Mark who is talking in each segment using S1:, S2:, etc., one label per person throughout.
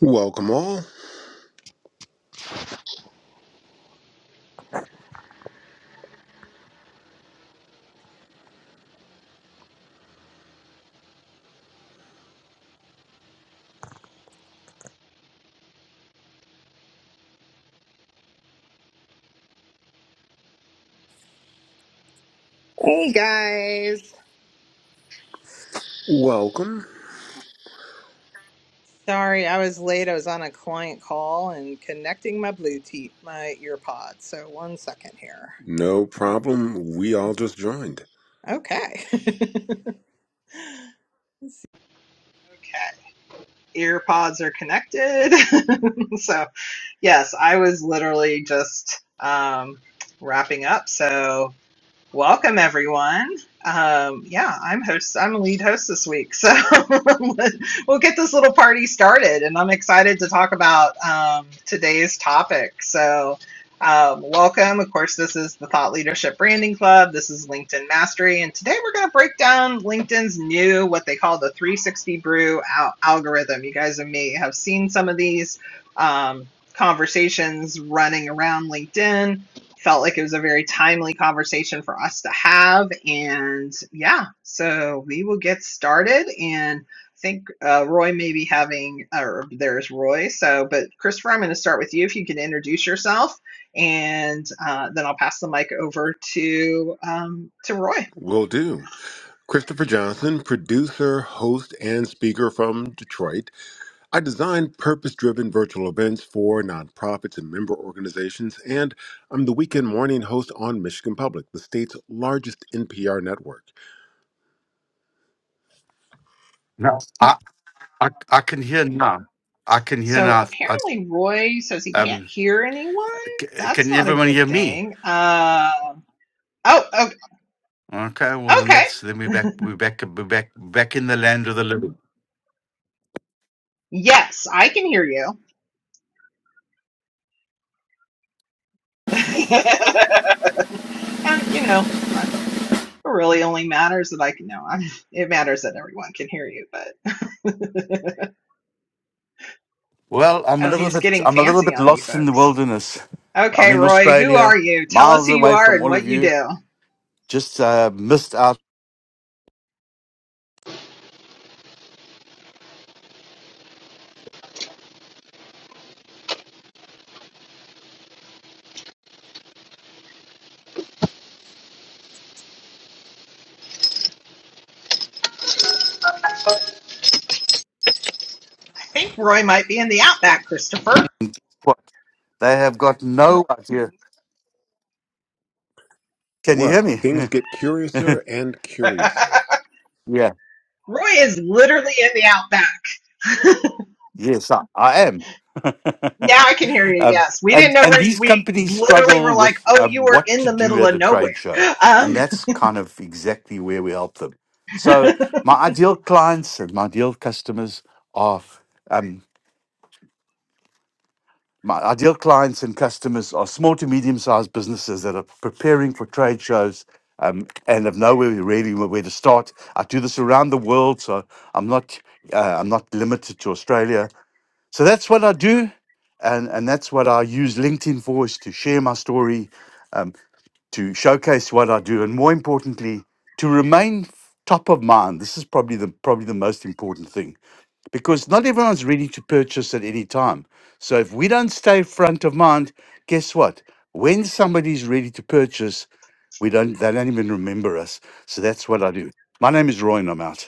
S1: Welcome all.
S2: Hey guys.
S1: Welcome.
S2: Sorry, I was late. I was on a client call and connecting my Bluetooth, my ear pod. So one second here.
S1: No problem. We all just joined.
S2: Okay. okay. Ear pods are connected. so yes, I was literally just um, wrapping up. So Welcome, everyone. Um, yeah, I'm host. I'm lead host this week, so we'll get this little party started. And I'm excited to talk about um, today's topic. So, um, welcome. Of course, this is the Thought Leadership Branding Club. This is LinkedIn Mastery, and today we're going to break down LinkedIn's new what they call the 360 brew al- algorithm. You guys and me have seen some of these um, conversations running around LinkedIn felt like it was a very timely conversation for us to have. And yeah, so we will get started. And I think uh, Roy may be having, or there's Roy. So, but Christopher, I'm going to start with you if you can introduce yourself, and uh, then I'll pass the mic over to um, to Roy.
S1: Will do. Christopher Johnson, producer, host, and speaker from Detroit. I design purpose driven virtual events for nonprofits and member organizations, and I'm the weekend morning host on Michigan Public, the state's largest NPR network.
S3: No, I, I, I can hear now. I can hear
S2: So
S3: now. I,
S2: apparently, Roy says he can't
S3: um,
S2: hear anyone.
S3: c-
S2: That's
S3: can
S2: not a
S3: everyone hear
S2: good
S3: me?
S2: thing. Uh, oh, oh,
S3: Okay, well then
S2: okay.
S3: that's then we're back. We're back. We're back. Back in the land of the living.
S2: Yes, I can hear you. And you know, I, it really only matters that I can know. i it matters that everyone can hear you, but
S3: Well, I'm a
S2: oh,
S3: little
S2: he's
S3: bit.
S2: getting
S3: I'm a little
S2: fancy
S3: bit
S2: on me,
S3: lost in the
S2: folks.
S3: wilderness. I'm
S2: Okay,
S3: in
S2: Roy, who are
S3: Australia,
S2: you? Tell us
S3: miles
S2: who you
S3: away
S2: are
S3: from
S2: and
S3: all
S2: what
S3: of
S2: you
S3: you.
S2: do.
S3: Just uh, missed out.
S2: I think Roy might be in the outback, Christopher.
S3: What they have got no idea. Can you hear
S1: Well,
S3: me?
S1: things get curiouser and curiouser.
S2: Roy
S3: yeah.
S2: is literally in the outback.
S3: Yes, I, I am.
S2: Now I can hear you.
S3: um,
S2: Yes, we didn't
S3: and
S2: know
S3: and
S2: where you,
S3: these
S2: we
S3: companies
S2: literally
S3: struggle
S2: were like,
S3: with
S2: oh,
S3: um,
S2: you were
S3: what
S2: in
S3: to
S2: the
S3: do
S2: middle
S3: at
S2: of
S3: a
S2: nowhere.
S3: trade show, and
S2: Um,
S3: that's kind of exactly where we help them. So my ideal clients and my ideal customers are um, my ideal clients and customers are small to medium sized businesses that are preparing for trade shows. Um, and have nowhere really where to start. I do this around the world, so I'm not uh, I'm not limited to Australia. So that's what I do, and and that's what I use LinkedIn for is to share my story, um, to showcase what I do, and more importantly, to remain f- top of mind. This is probably the probably the most important thing because not everyone's ready to purchase at any time. So if we don't stay front of mind, guess what? When somebody's ready to purchase, we don't they don't even remember us. So that's what I do. My name is Roy, and I'm out.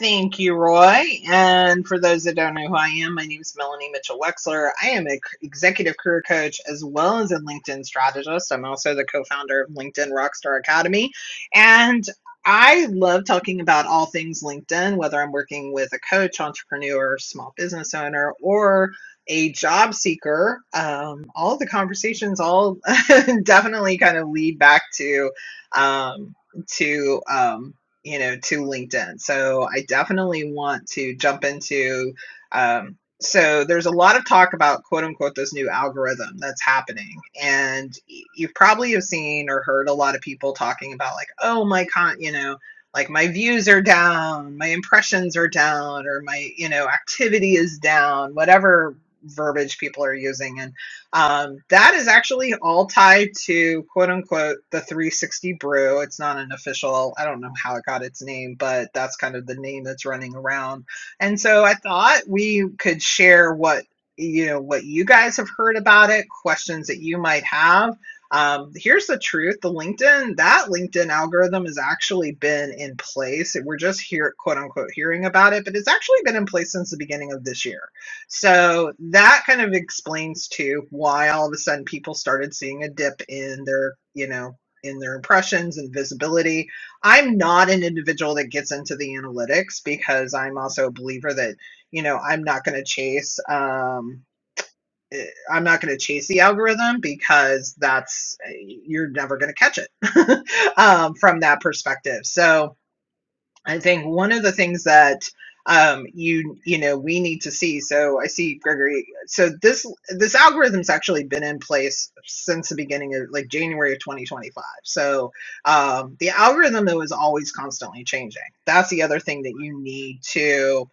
S2: Thank you, Roy. And for those that don't know who I am, my name is Melanie Mitchell Wexler. I am an executive career coach as well as a LinkedIn strategist. I'm also the co founder of LinkedIn Rockstar Academy. And I love talking about all things LinkedIn, whether I'm working with a coach, entrepreneur, small business owner, or a job seeker. Um, all the conversations all definitely kind of lead back to um, to. Um, you know, to LinkedIn. So I definitely want to jump into. Um, so there's a lot of talk about quote unquote this new algorithm that's happening, and y- you probably have seen or heard a lot of people talking about like, oh my con, you know, like my views are down, my impressions are down, or my you know activity is down, whatever verbiage people are using, and um, that is actually all tied to quote unquote the 360 brew. It's not an official, I don't know how it got its name, but that's kind of the name that's running around. And so I thought we could share what you know what you guys have heard about it, questions that you might have. Um, here's the truth: the LinkedIn that LinkedIn algorithm has actually been in place. We're just here, quote unquote, hearing about it, but it's actually been in place since the beginning of this year. So that kind of explains too why all of a sudden people started seeing a dip in their, you know, in their impressions and visibility. I'm not an individual that gets into the analytics because I'm also a believer that, you know, I'm not going to chase um eh, I'm not going to chase the algorithm because that's eh, you're never going to catch it um, from that perspective. So, I think one of the things that um, you you know we need to see. So I see Gregory. So this this algorithm's actually been in place since the beginning of like January of 2025. So um, the algorithm though is always constantly changing. That's the other thing that you need to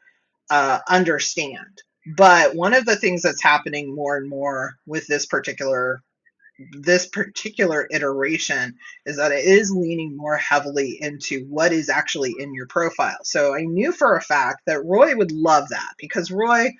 S2: uh, understand. But one of the things that's happening more and more with this particular this particular iteration is that it is leaning more heavily into what is actually in your profile. So I knew for a fact that Roy would love that because Roy,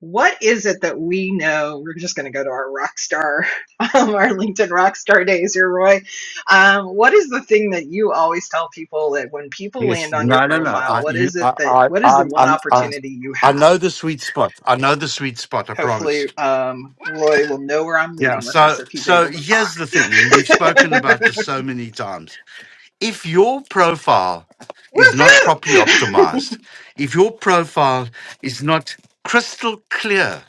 S2: what is it that we know? We're just going to go to our rock star, um, our LinkedIn rock star days here, Roy. Um, what is the thing that you always tell people that when people
S3: Yes.
S2: land on your
S3: No, no, no.
S2: profile,
S3: I,
S2: what
S3: you,
S2: is it
S3: I,
S2: that,
S3: I,
S2: what is
S3: I,
S2: the one
S3: I, I
S2: opportunity you
S3: I
S2: have?
S3: know the sweet spot. I know the sweet spot. I promise.
S2: Hopefully, um, Roy will know where I'm
S3: Yeah.
S2: leading with
S3: So,
S2: this if he's
S3: so
S2: able to
S3: here's the thing, and we've
S2: talk.
S3: spoken about this so many times. If your profile is not properly
S2: Woohoo!
S3: optimized, if your profile is not crystal clear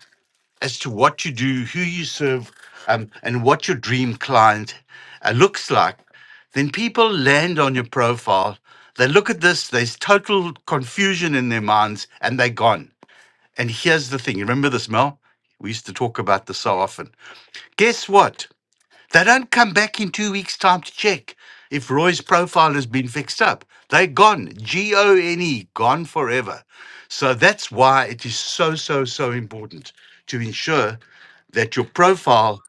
S3: as to what you do, who you serve, um, and what your dream client uh, looks like, then people land on your profile. They look at this, there's total confusion in their minds, and they're gone. And here's the thing remember this, Mel? We used to talk about this so often. Guess what? They don't come back in two weeks' time to check if Roy's profile has been fixed up. They're gone. G O N E, gone forever. So that's why it is so, so, so important to ensure that your profile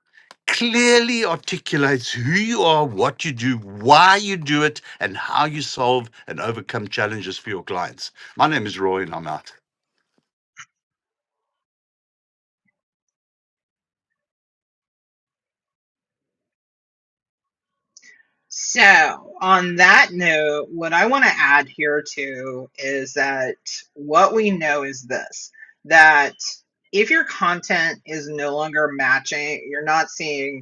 S3: clearly articulates who you are, what you do, why you do it, and how you solve and overcome challenges for your clients. My name is Roy and I'm out.
S2: so, on that note, what I want to add here too is that what we know is this that if your content is no longer matching, you're not seeing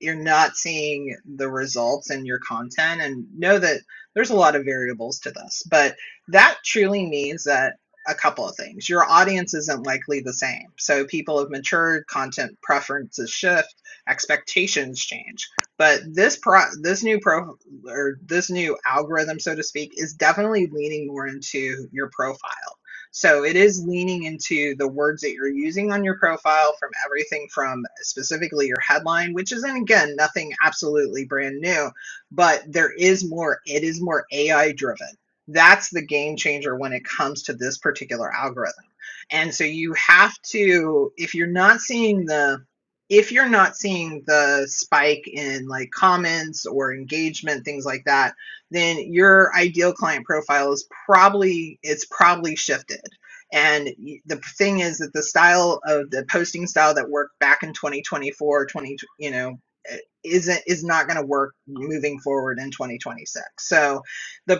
S2: you're not seeing the results in your content and know that there's a lot of variables to this but that truly means that a couple of things your audience isn't likely the same so people have matured content preferences shift expectations change but this pro this new pro or this new algorithm so to speak is definitely leaning more into your profile so it is leaning into the words that you're using on your profile from everything from specifically your headline, which isn't again nothing absolutely brand new, but there is more, it is more AI driven. That's the game changer when it comes to this particular algorithm. And so you have to, if you're not seeing the if you're not seeing the spike in like comments or engagement, things like that, then your ideal client profile is probably it's probably shifted. And the thing is that the style of the posting style that worked back in 2024, 20, you know, eh, isn't is not going to work moving forward in 2026. So, the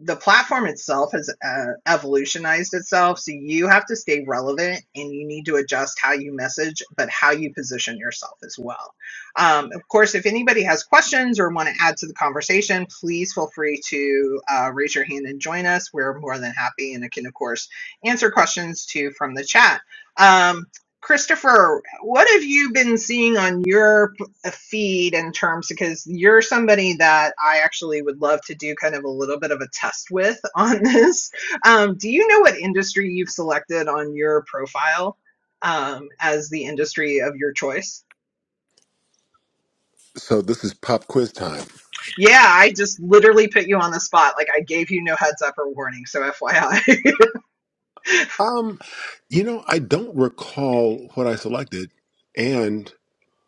S2: the platform itself has uh, evolutionized itself so you have to stay relevant and you need to adjust how you message but how you position yourself as well um, of course if anybody has questions or want to add to the conversation please feel free to uh, raise your hand and join us we're more than happy and I can of course answer questions too from the chat um, christopher what have you been seeing on your a feed in terms because you're somebody that I actually would love to do kind of a little bit of a test with on this. Um, do you know what industry you've selected on your profile um, as the industry of your choice?
S1: So this is pop quiz time.
S2: Yeah, I just literally put you on the spot. Like I gave you no heads up or warning. So FYI.
S1: Um, you know, I don't recall what I selected, and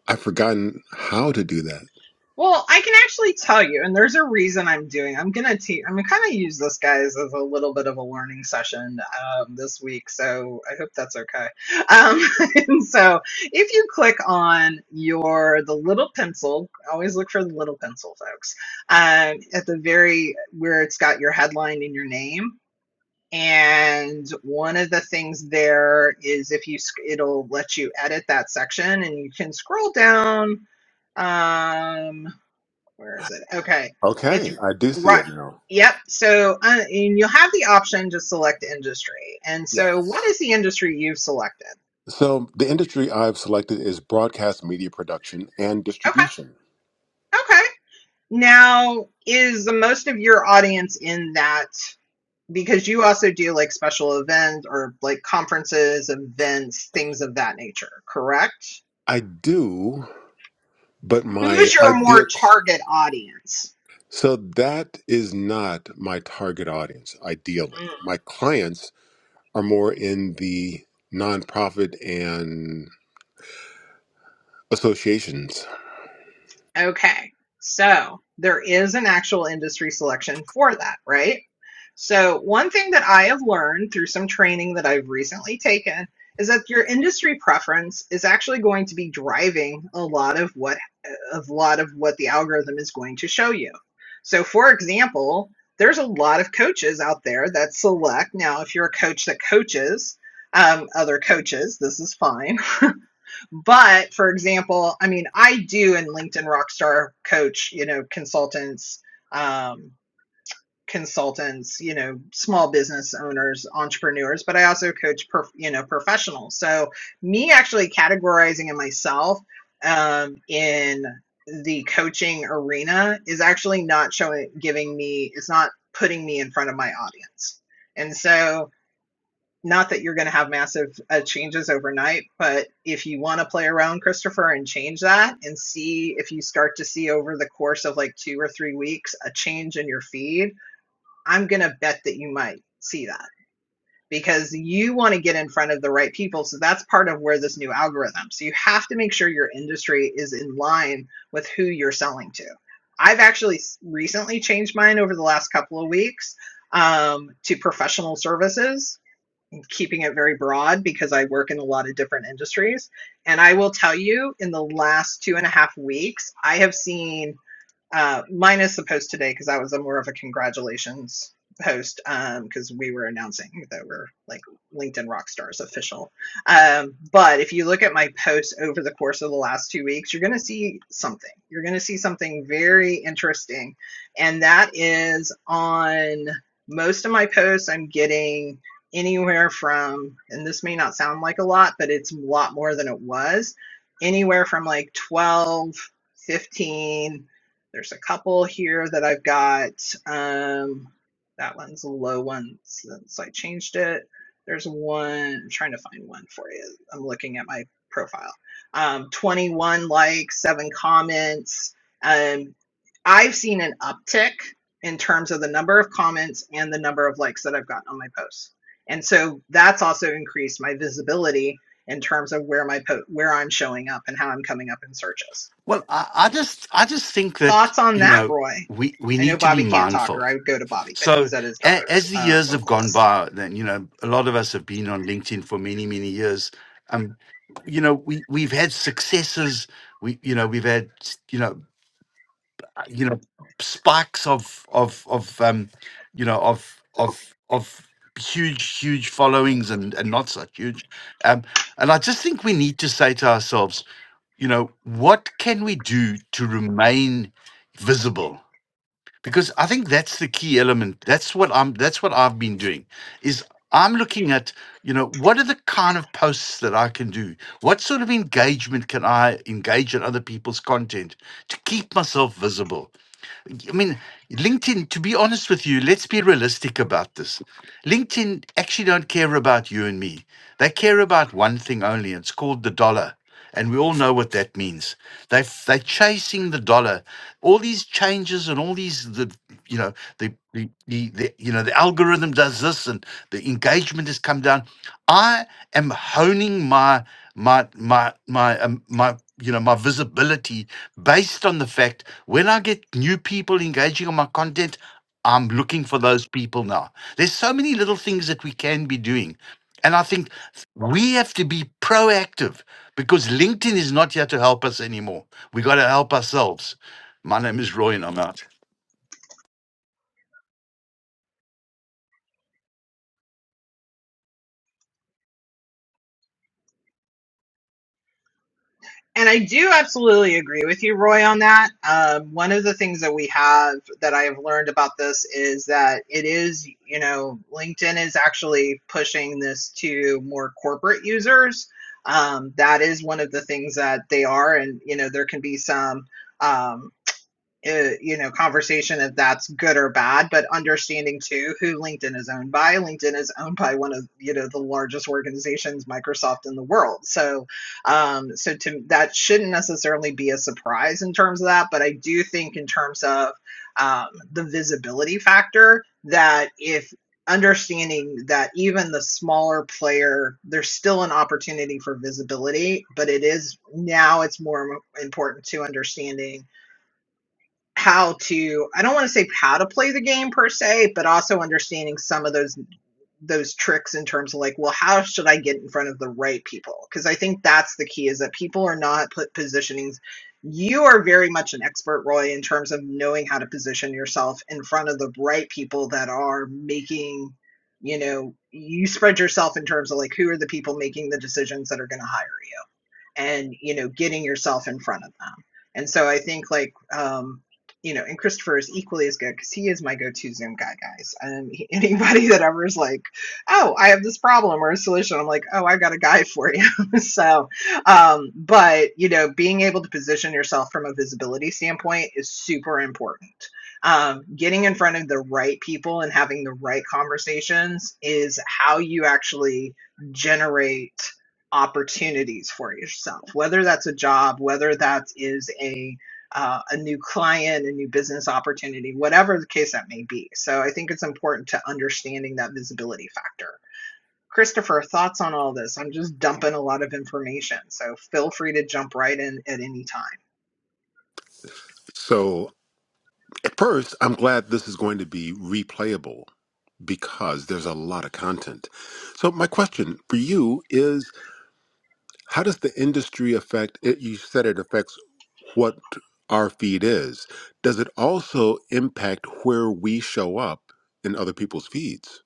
S1: I've forgotten how to do that.
S2: Well, I can actually tell you, and there's a reason I'm doing. I'm gonna teach. I'm gonna kind of use this guys as a little bit of a learning session um, this week, so I hope that's okay. Um, and so, if you click on your the little pencil, always look for the little pencil, folks. Um, at the very where it's got your headline and your name, and one of the things there is if you sc- it'll let you edit that section, and you can scroll down. Um, where is it? Okay, it's
S1: Okay, I do see
S2: right.
S1: it now.
S2: Yep. So uh, and you'll have the option to select industry. And so, what
S1: Yes.
S2: is the industry you've selected?
S1: So the industry I've selected is broadcast media production and
S2: Okay.
S1: distribution.
S2: Okay. Now, is the most of your audience in that? Because you also do like special events or like conferences, events, things of that nature, correct?
S1: I do, but my
S2: Who's your more
S1: ideal cl-
S2: target audience?
S1: so that is not my target audience ideally. My clients are more in the nonprofit and associations.
S2: Okay. So there is an actual industry selection for that, right? So one thing that I have learned through some training that I've recently taken is that your industry preference is actually going to be driving a lot of what a lot of what the algorithm is going to show you. So for example, there's a lot of coaches out there that select now if you're a coach that coaches um, other coaches, this is fine but for example, I mean, I do in LinkedIn Rockstar coach, you know, consultants, um, consultants, you know, small business owners, entrepreneurs, but I also coach, prof, you know, professionals. So me actually categorizing in myself um, in the coaching arena is actually not showing, giving me, it's not putting me in front of my audience. And so not that you're going to have massive uh, changes overnight, but if you want to play around, Christopher, and change that and see if you start to see over the course of like two or three weeks a change in your feed, I'm going to bet that you might see that because you want to get in front of the right people. So that's part of where this new algorithm. So you have to make sure your industry is in line with who you're selling to. I've actually recently changed mine over the last couple of weeks um, to professional services keeping it very broad because I work in a lot of different industries. And I will tell you, in the last two and a half weeks, I have seen uh, mine is the post today because I was a more of a congratulations post because um, we were announcing that we're like LinkedIn Rockstars official. Um, but if you look at my posts over the course of the last two weeks, you're going to see something. You're going to see something very interesting, and that is on most of my posts. I'm getting anywhere from, and this may not sound like a lot, but it's a lot more than it was. Anywhere from like 12, 15 there's a couple here that I've got. Um, that one's a low one so I changed it. There's one, I'm trying to find one for you. I'm looking at my profile. Um, 21 likes, seven comments. Um, I've seen an uptick in terms of the number of comments and the number of likes that I've gotten on my posts. And so that's also increased my visibility in terms of where my po- where I'm showing up and how I'm coming up in searches.
S3: Well, I, I just I just think that,
S2: Thoughts on
S3: you
S2: that,
S3: know,
S2: Roy?
S3: we, we
S2: I know
S3: need to be
S2: Bobby can't talk,
S3: mindful
S2: or I would go to Bobby, but
S3: So
S2: he's at his
S3: a-
S2: daughter's
S3: as the
S2: uh,
S3: years have
S2: vocal
S3: gone
S2: lesson.
S3: by, then you know a lot of us have been on LinkedIn for many many years. Um, you know we we've had successes. We you know we've had s- you know uh, you know spikes of of of um, you know of of of huge huge followings and and not such huge. Um, and I just think we need to say to ourselves, you know, what can we do to remain visible? because I think that's the key element. That's what I'm. That's what I've been doing. Is I'm looking at you know what are the kind of posts that I can do. What sort of engagement can I engage in other people's content to keep myself visible? I mean, LinkedIn, to be honest with you, let's be realistic about this. LinkedIn actually don't care about you and me. They care about one thing only. It's called the dollar. And we all know what that means. They they're chasing the dollar. All these changes and all these the you know the, the the the you know the algorithm does this and the engagement has come down. I am honing my my my my um, my you know my visibility based on the fact when i get new people engaging on my content i'm looking for those people now there's so many little things that we can be doing and i think we have to be proactive because linkedin is not here to help us anymore we got to help ourselves my name is roy and i'm out
S2: And I do absolutely agree with you, Roy, on that. Um, one of the things that we have that I have learned about this is that it is, you know, LinkedIn is actually pushing this to more corporate users. Um, that is one of the things that they are. And, you know, there can be some. Um, uh, you know conversation if that's good or bad but understanding too who linkedin is owned by linkedin is owned by one of you know the largest organizations microsoft in the world so um so to that shouldn't necessarily be a surprise in terms of that but i do think in terms of um, the visibility factor that if understanding that even the smaller player there's still an opportunity for visibility but it is now it's more important to understanding how to I don't want to say how to play the game per se, but also understanding some of those those tricks in terms of like, well, how should I get in front of the right people? Because I think that's the key is that people are not put positioning. You are very much an expert, Roy, in terms of knowing how to position yourself in front of the right people that are making, you know, you spread yourself in terms of like who are the people making the decisions that are going to hire you and you know getting yourself in front of them and so i think like um you know and christopher is equally as good because he is my go-to zoom guy guys and he- anybody that ever is like oh i have this problem or a solution i'm like oh i've got a guy for you so um but you know being able to position yourself from a visibility standpoint is super important um, getting in front of the right people and having the right conversations is how you actually generate opportunities for yourself, whether that's a job, whether that is a uh, a new client, a new business opportunity, whatever the case that may be. So I think it's important to understanding that visibility factor. Christopher, thoughts on all this? I'm just dumping a lot of information, so feel free to jump right in at any time.
S1: So at first, I'm glad this is going to be replayable because there's a lot of content. So my question for you is how does the industry affect it you said it affects what our feed is. Does it also impact where we show up in other people's feeds?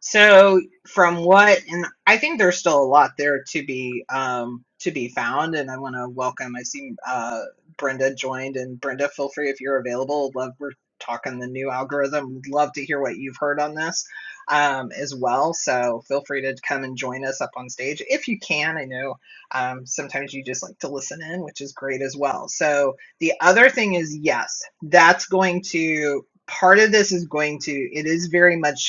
S2: So from what, and I think there's still a lot there to be um, to be found. And I want to welcome. I see uh, Brenda joined, and Brenda, feel free if you're available. Love we're talking the new algorithm. We'd love to hear what you've heard on this um, as well. So feel free to come and join us up on stage if you can. I know um, sometimes you just like to listen in, which is great as well. So the other thing is, yes, that's going to. Part of this is going to, it is very much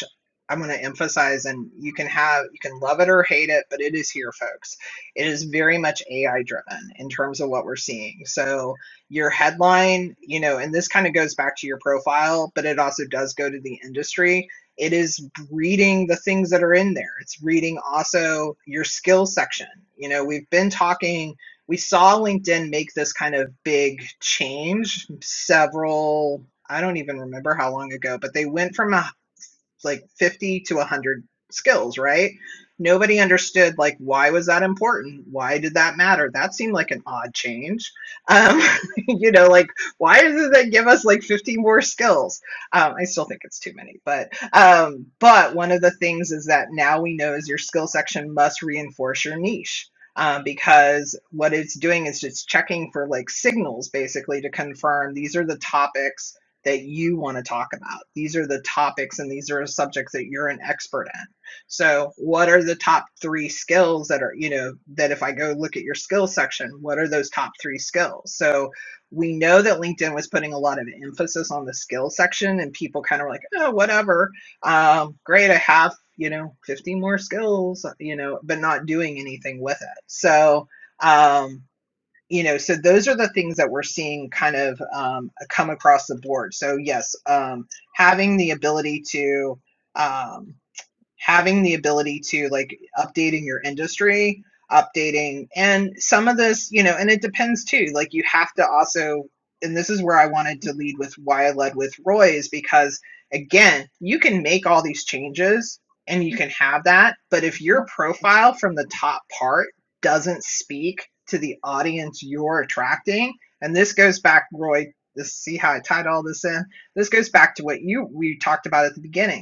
S2: I'm going to emphasize, and you can have, you can love it or hate it, but it is here, folks. It is very much AI driven in terms of what we're seeing. So your headline, you know, and this kind of goes back to your profile, but it also does go to the industry. It is reading the things that are in there. It's reading also your skill section. You know, we've been talking, we saw LinkedIn make this kind of big change several, I don't even remember how long ago, but they went from a like 50 to 100 skills, right? Nobody understood like why was that important? Why did that matter? That seemed like an odd change. Um, you know, like why does that give us like 50 more skills? Um, I still think it's too many, but um, but one of the things is that now we know is your skill section must reinforce your niche. Um, because what it's doing is it's checking for like signals basically to confirm these are the topics that you want to talk about. These are the topics and these are the subjects that you're an expert in. So, what are the top three skills that are, you know, that if I go look at your skill section, what are those top three skills? So, we know that LinkedIn was putting a lot of emphasis on the skill section, and people kind of were like, oh, whatever. Um, great, I have, you know, 15 more skills, you know, but not doing anything with it. So, um, you know so those are the things that we're seeing kind of um, come across the board so yes um, having the ability to um, having the ability to like updating your industry updating and some of this you know and it depends too like you have to also and this is where i wanted to lead with why i led with roy is because again you can make all these changes and you can have that but if your profile from the top part doesn't speak to the audience you're attracting and this goes back roy this see how i tied all this in this goes back to what you we talked about at the beginning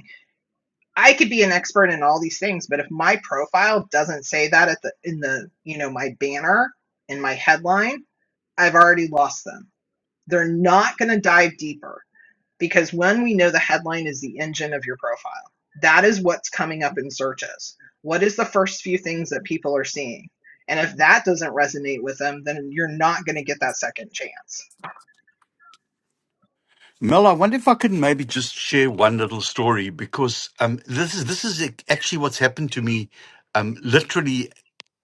S2: I could be an expert in all these things, but if my profile doesn't say that at the in the you know my banner in my headline, I've already lost them. They're not going to dive deeper because when we know the headline is the engine of your profile, that is what's coming up in searches. What is the first few things that people are seeing? And if that doesn't resonate with them, then you're not going to get that second chance.
S3: Mel, I wonder if I could maybe just share one little story because um, this is this is ac- actually what's happened to me, um, literally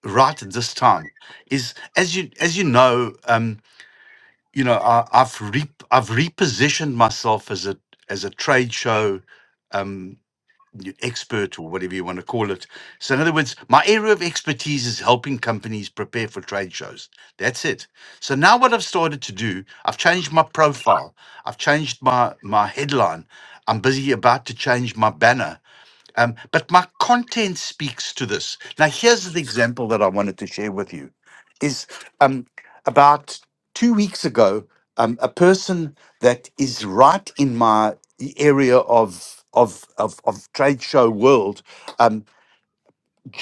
S3: right at this time. Is as you as you know, um, you know, I, I've re- I've repositioned myself as a as a trade show. Um, expert or whatever you want to call it. So, in other words, my area of expertise is helping companies prepare for trade shows. That's it. So now, what I've started to do, I've changed my profile. I've changed my my headline. I'm busy about to change my banner um, but my content speaks to this. Now, here's the example that I wanted to share with you is um, about two weeks ago, um, a person that is right in my area of of of, of trade show world um,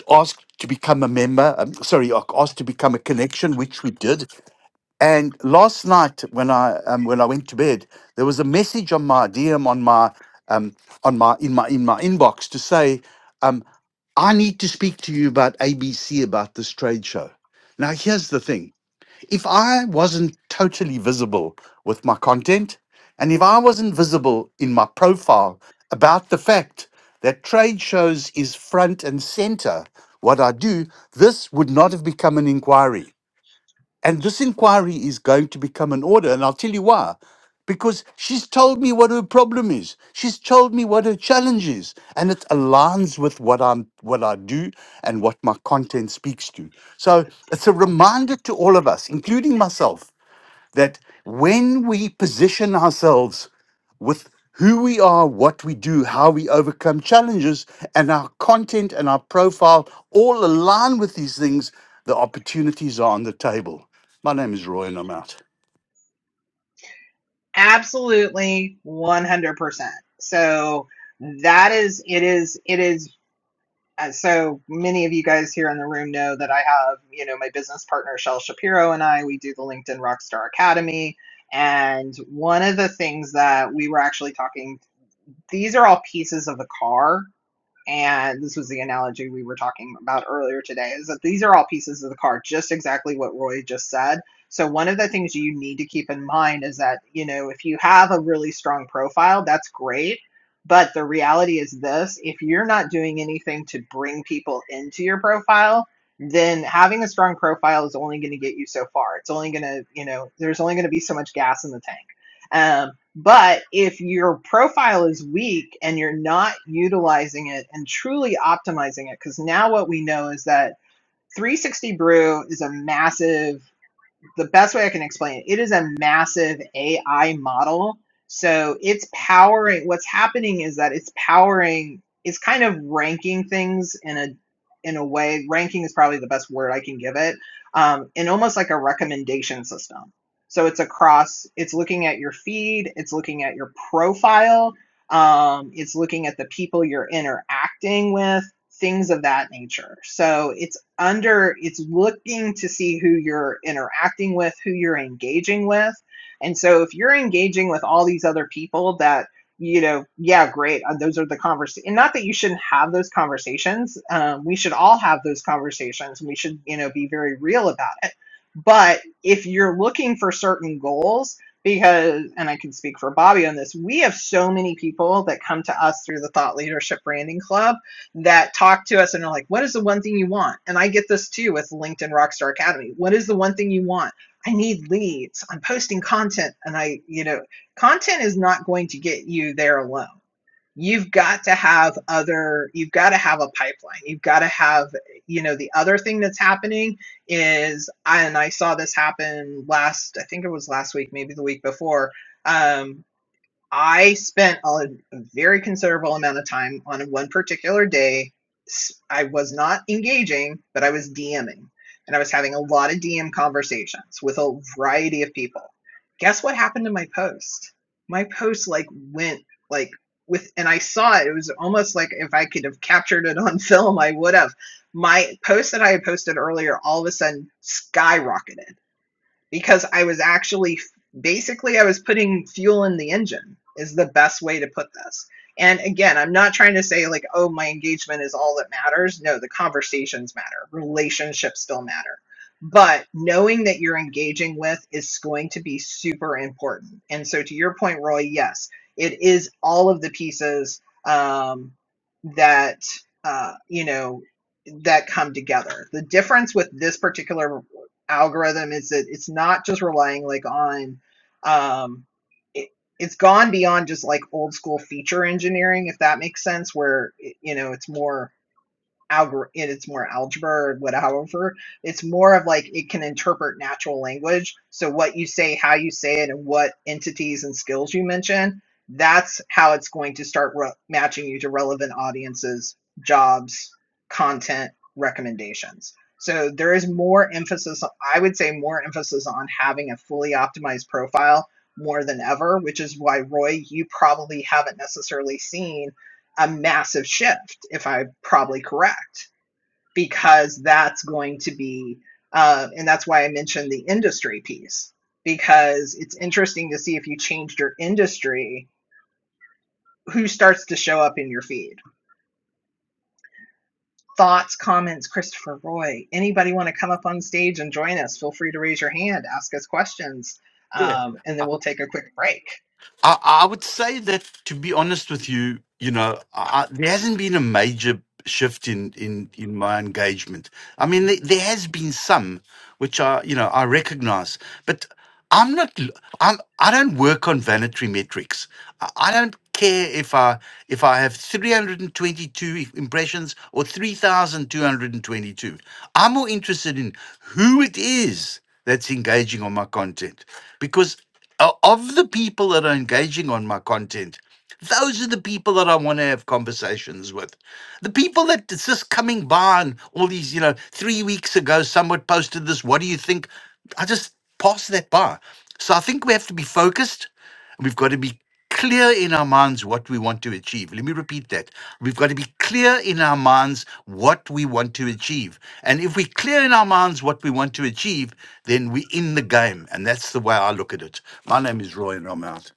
S3: asked to become a member. Um, sorry, asked to become a connection, which we did. And last night, when I um, when I went to bed, there was a message on my DM on my um, on my in my in my inbox to say. um, I need to speak to you about ABC about this trade show. Now, here's the thing if I wasn't totally visible with my content, and if I wasn't visible in my profile about the fact that trade shows is front and center what I do, this would not have become an inquiry. And this inquiry is going to become an order. And I'll tell you why. Because she's told me what her problem is. She's told me what her challenge is. And it aligns with what I'm what I do and what my content speaks to. So it's a reminder to all of us, including myself, that when we position ourselves with who we are, what we do, how we overcome challenges, and our content and our profile all align with these things, the opportunities are on the table. My name is Roy, and I'm out.
S2: Absolutely, 100%. So that is, it is, it is. uh, So many of you guys here in the room know that I have, you know, my business partner, Shel Shapiro, and I, we do the LinkedIn Rockstar Academy. And one of the things that we were actually talking, these are all pieces of the car and this was the analogy we were talking about earlier today is that these are all pieces of the card just exactly what roy just said so one of the things you need to keep in mind is that you know if you have a really strong profile that's great but the reality is this if you're not doing anything to bring people into your profile then having a strong profile is only going to get you so far it's only going to you know there's only going to be so much gas in the tank Um, but if your profile is weak and you're not utilizing it and truly optimizing it, because now what we know is that 360 Brew is a massive the best way I can explain it, it is a massive AI model. So it's powering what's happening is that it's powering it's kind of ranking things in a in a way ranking is probably the best word I can give it um, in almost like a recommendation system. So it's across it's looking at your feed, it's looking at your profile, um, it's looking at the people you're interacting with, things of that nature. So it's under it's looking to see who you're interacting with, who you're engaging with. And so if you're engaging with all these other people that you know, yeah, great. uh, Those are the conversations. And not that you shouldn't have those conversations. Um, we should all have those conversations. we should, you know, be very real about it. But if you're looking for certain goals, because, and I can speak for Bobby on this, we have so many people that come to us through the Thought Leadership Branding Club that talk to us and are like, what is the one thing you want? And I get this too with LinkedIn Rockstar Academy. What is the one thing you want? I need leads. I'm posting content. And I, you know, content is not going to get you there alone. You've got to have other, you've got to have a pipeline. You've got to have, you know, the other thing that's happening is, and I saw this happen last, I think it was last week, maybe the week before. um, I spent a very considerable amount of time on one particular day. I was not engaging, but I was DMing. And I was having a lot of DM conversations with a variety of people. Guess what happened to my post? My post like went like with and I saw it. It was almost like if I could have captured it on film, I would have. My post that I had posted earlier all of a sudden skyrocketed because I was actually basically I was putting fuel in the engine is the best way to put this. And again, I'm not trying to say like, oh, my engagement is all that matters. No, the conversations matter. Relationships still matter. But knowing that you're engaging with is going to be super important. And so to your point, Roy, yes, it is all of the pieces um, that uh, you know that come together. The difference with this particular algorithm is that it's not just relying like on um it, it's gone beyond just like old school feature engineering if that makes sense where you know it's more algor it's more algebra or whatever. It's more of like it can interpret natural language. So what you say, how you say it, and what entities and skills you mention, that's how it's going to start re- matching you to relevant audiences, jobs, content, recommendations. So there is more emphasis, I would say more emphasis on having a fully optimized profile more than ever, which is why Roy, you probably haven't necessarily seen a massive shift, if I'm probably correct, because that's going to be, uh, and that's why I mentioned the industry piece, because it's interesting to see if you changed your industry, who starts to show up in your feed. Thoughts, comments, Christopher Roy, anybody want to come up on stage and join us? Feel free to raise your hand, ask us questions,
S3: Yeah.
S2: um, and
S3: I,
S2: then we'll take a quick break.
S3: I I would say that, to be honest with you, you know, I, I- there hasn't been a major. shift in in in my engagement. I mean, there, there has been some which I you know I recognize, but I'm not. l- I'm I don't work on vanity metrics. I, I don't care if I if I have 322 impressions or 3,222. I'm more interested in who it is that's engaging on my content because o- of the people that are engaging on my content. Those are the people that I want to have conversations with. The people that it's just coming by and all these, you know, three weeks ago, someone posted this. What do you think? I just pass that by. So I think we have to be focused. and We've got to be clear in our minds what we want to achieve. Let me repeat that. We've got to be clear in our minds what we want to achieve. And if we're clear in our minds what we want to achieve, then we're in the game. And that's the way I look at it. My name is Roy and I'm out.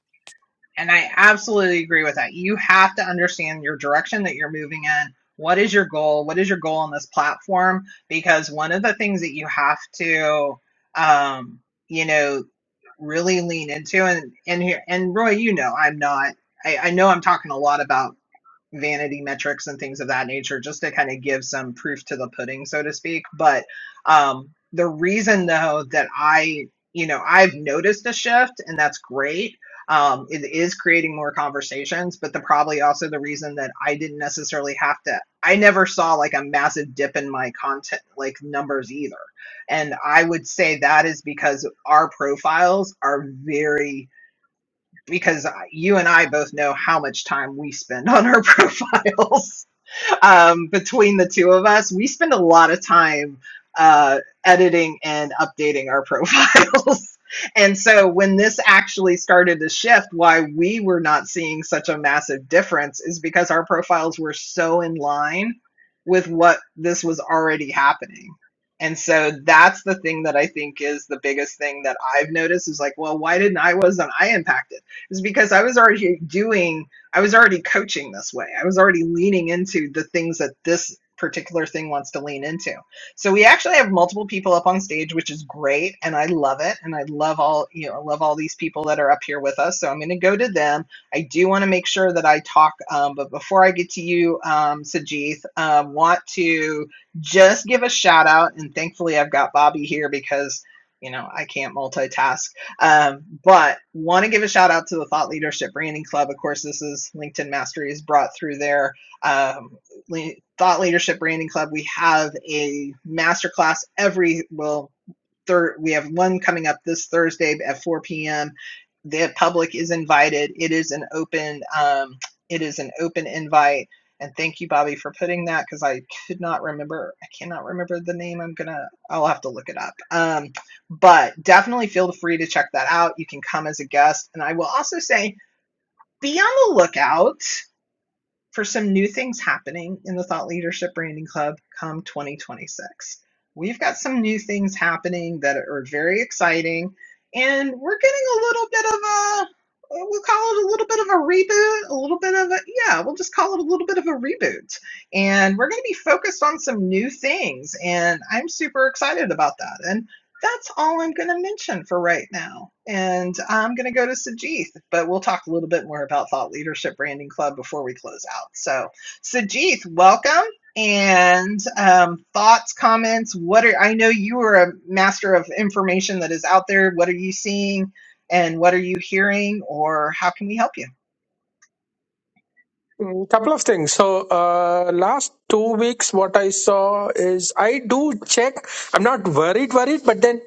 S2: And I absolutely agree with that. You have to understand your direction that you're moving in. What is your goal? What is your goal on this platform? Because one of the things that you have to, um, you know, really lean into, and and here, and Roy, you know, I'm not. I, I know I'm talking a lot about vanity metrics and things of that nature just to kind of give some proof to the pudding, so to speak. But um, the reason, though, that I, you know, I've noticed a shift, and that's great. Um, it is creating more conversations, but the probably also the reason that I didn't necessarily have to, I never saw like a massive dip in my content, like numbers either. And I would say that is because our profiles are very because you and I both know how much time we spend on our profiles um, between the two of us, we spend a lot of time uh, editing and updating our profiles. and so when this actually started to shift, why we were not seeing such a massive difference is because our profiles were so in line with what this was already happening. And so that's the thing that I think is the biggest thing that I've noticed is like, well, why didn't I wasn't I impacted? Is because I was already doing I was already coaching this way. I was already leaning into the things that this particular thing wants to lean into. So we actually have multiple people up on stage, which is great, and I love it. And I love all you know, I love all these people that are up here with us. So I'm going to go to them. I do want to make sure that I talk, um, but before I get to you, um, Sajith, um, want to just give a shout out. And thankfully, I've got Bobby here because you know I can't multitask um, but want to give a shout out to the Thought Leadership Branding Club. Of course, this is LinkedIn Masteries brought through their um, Thought Leadership Branding Club. We have a masterclass every well third we have one coming up this Thursday at 4 p.m. The public is invited. It is an open um, it is an open invite. And thank you, Bobby, for putting that because I could not remember. I cannot remember the name. I'm gonna. I'll have to look it up. Um, but definitely feel free to check that out. You can come as a guest, and I will also say be on the lookout for some new things happening in the Thought Leadership Branding Club come 2026. We've got some new things happening that are very exciting, and we're getting a little bit of a we'll call it a little bit of a reboot, a little bit of a yeah, we'll just call it a little bit of a reboot. And we're going to be focused on some new things, and I'm super excited about that. And that's all I'm going to mention for right now. And I'm going to go to Sajith, but we'll talk a little bit more about Thought Leadership Branding Club before we close out. So, Sajith, welcome. And um, thoughts, comments. What are I know you are a master of information that is out there. What are you seeing? and what are you hearing or how can we help you?
S4: Mm, Couple of things. So, uh, last two weeks, what I saw is I do check. I'm not worried, worried, but then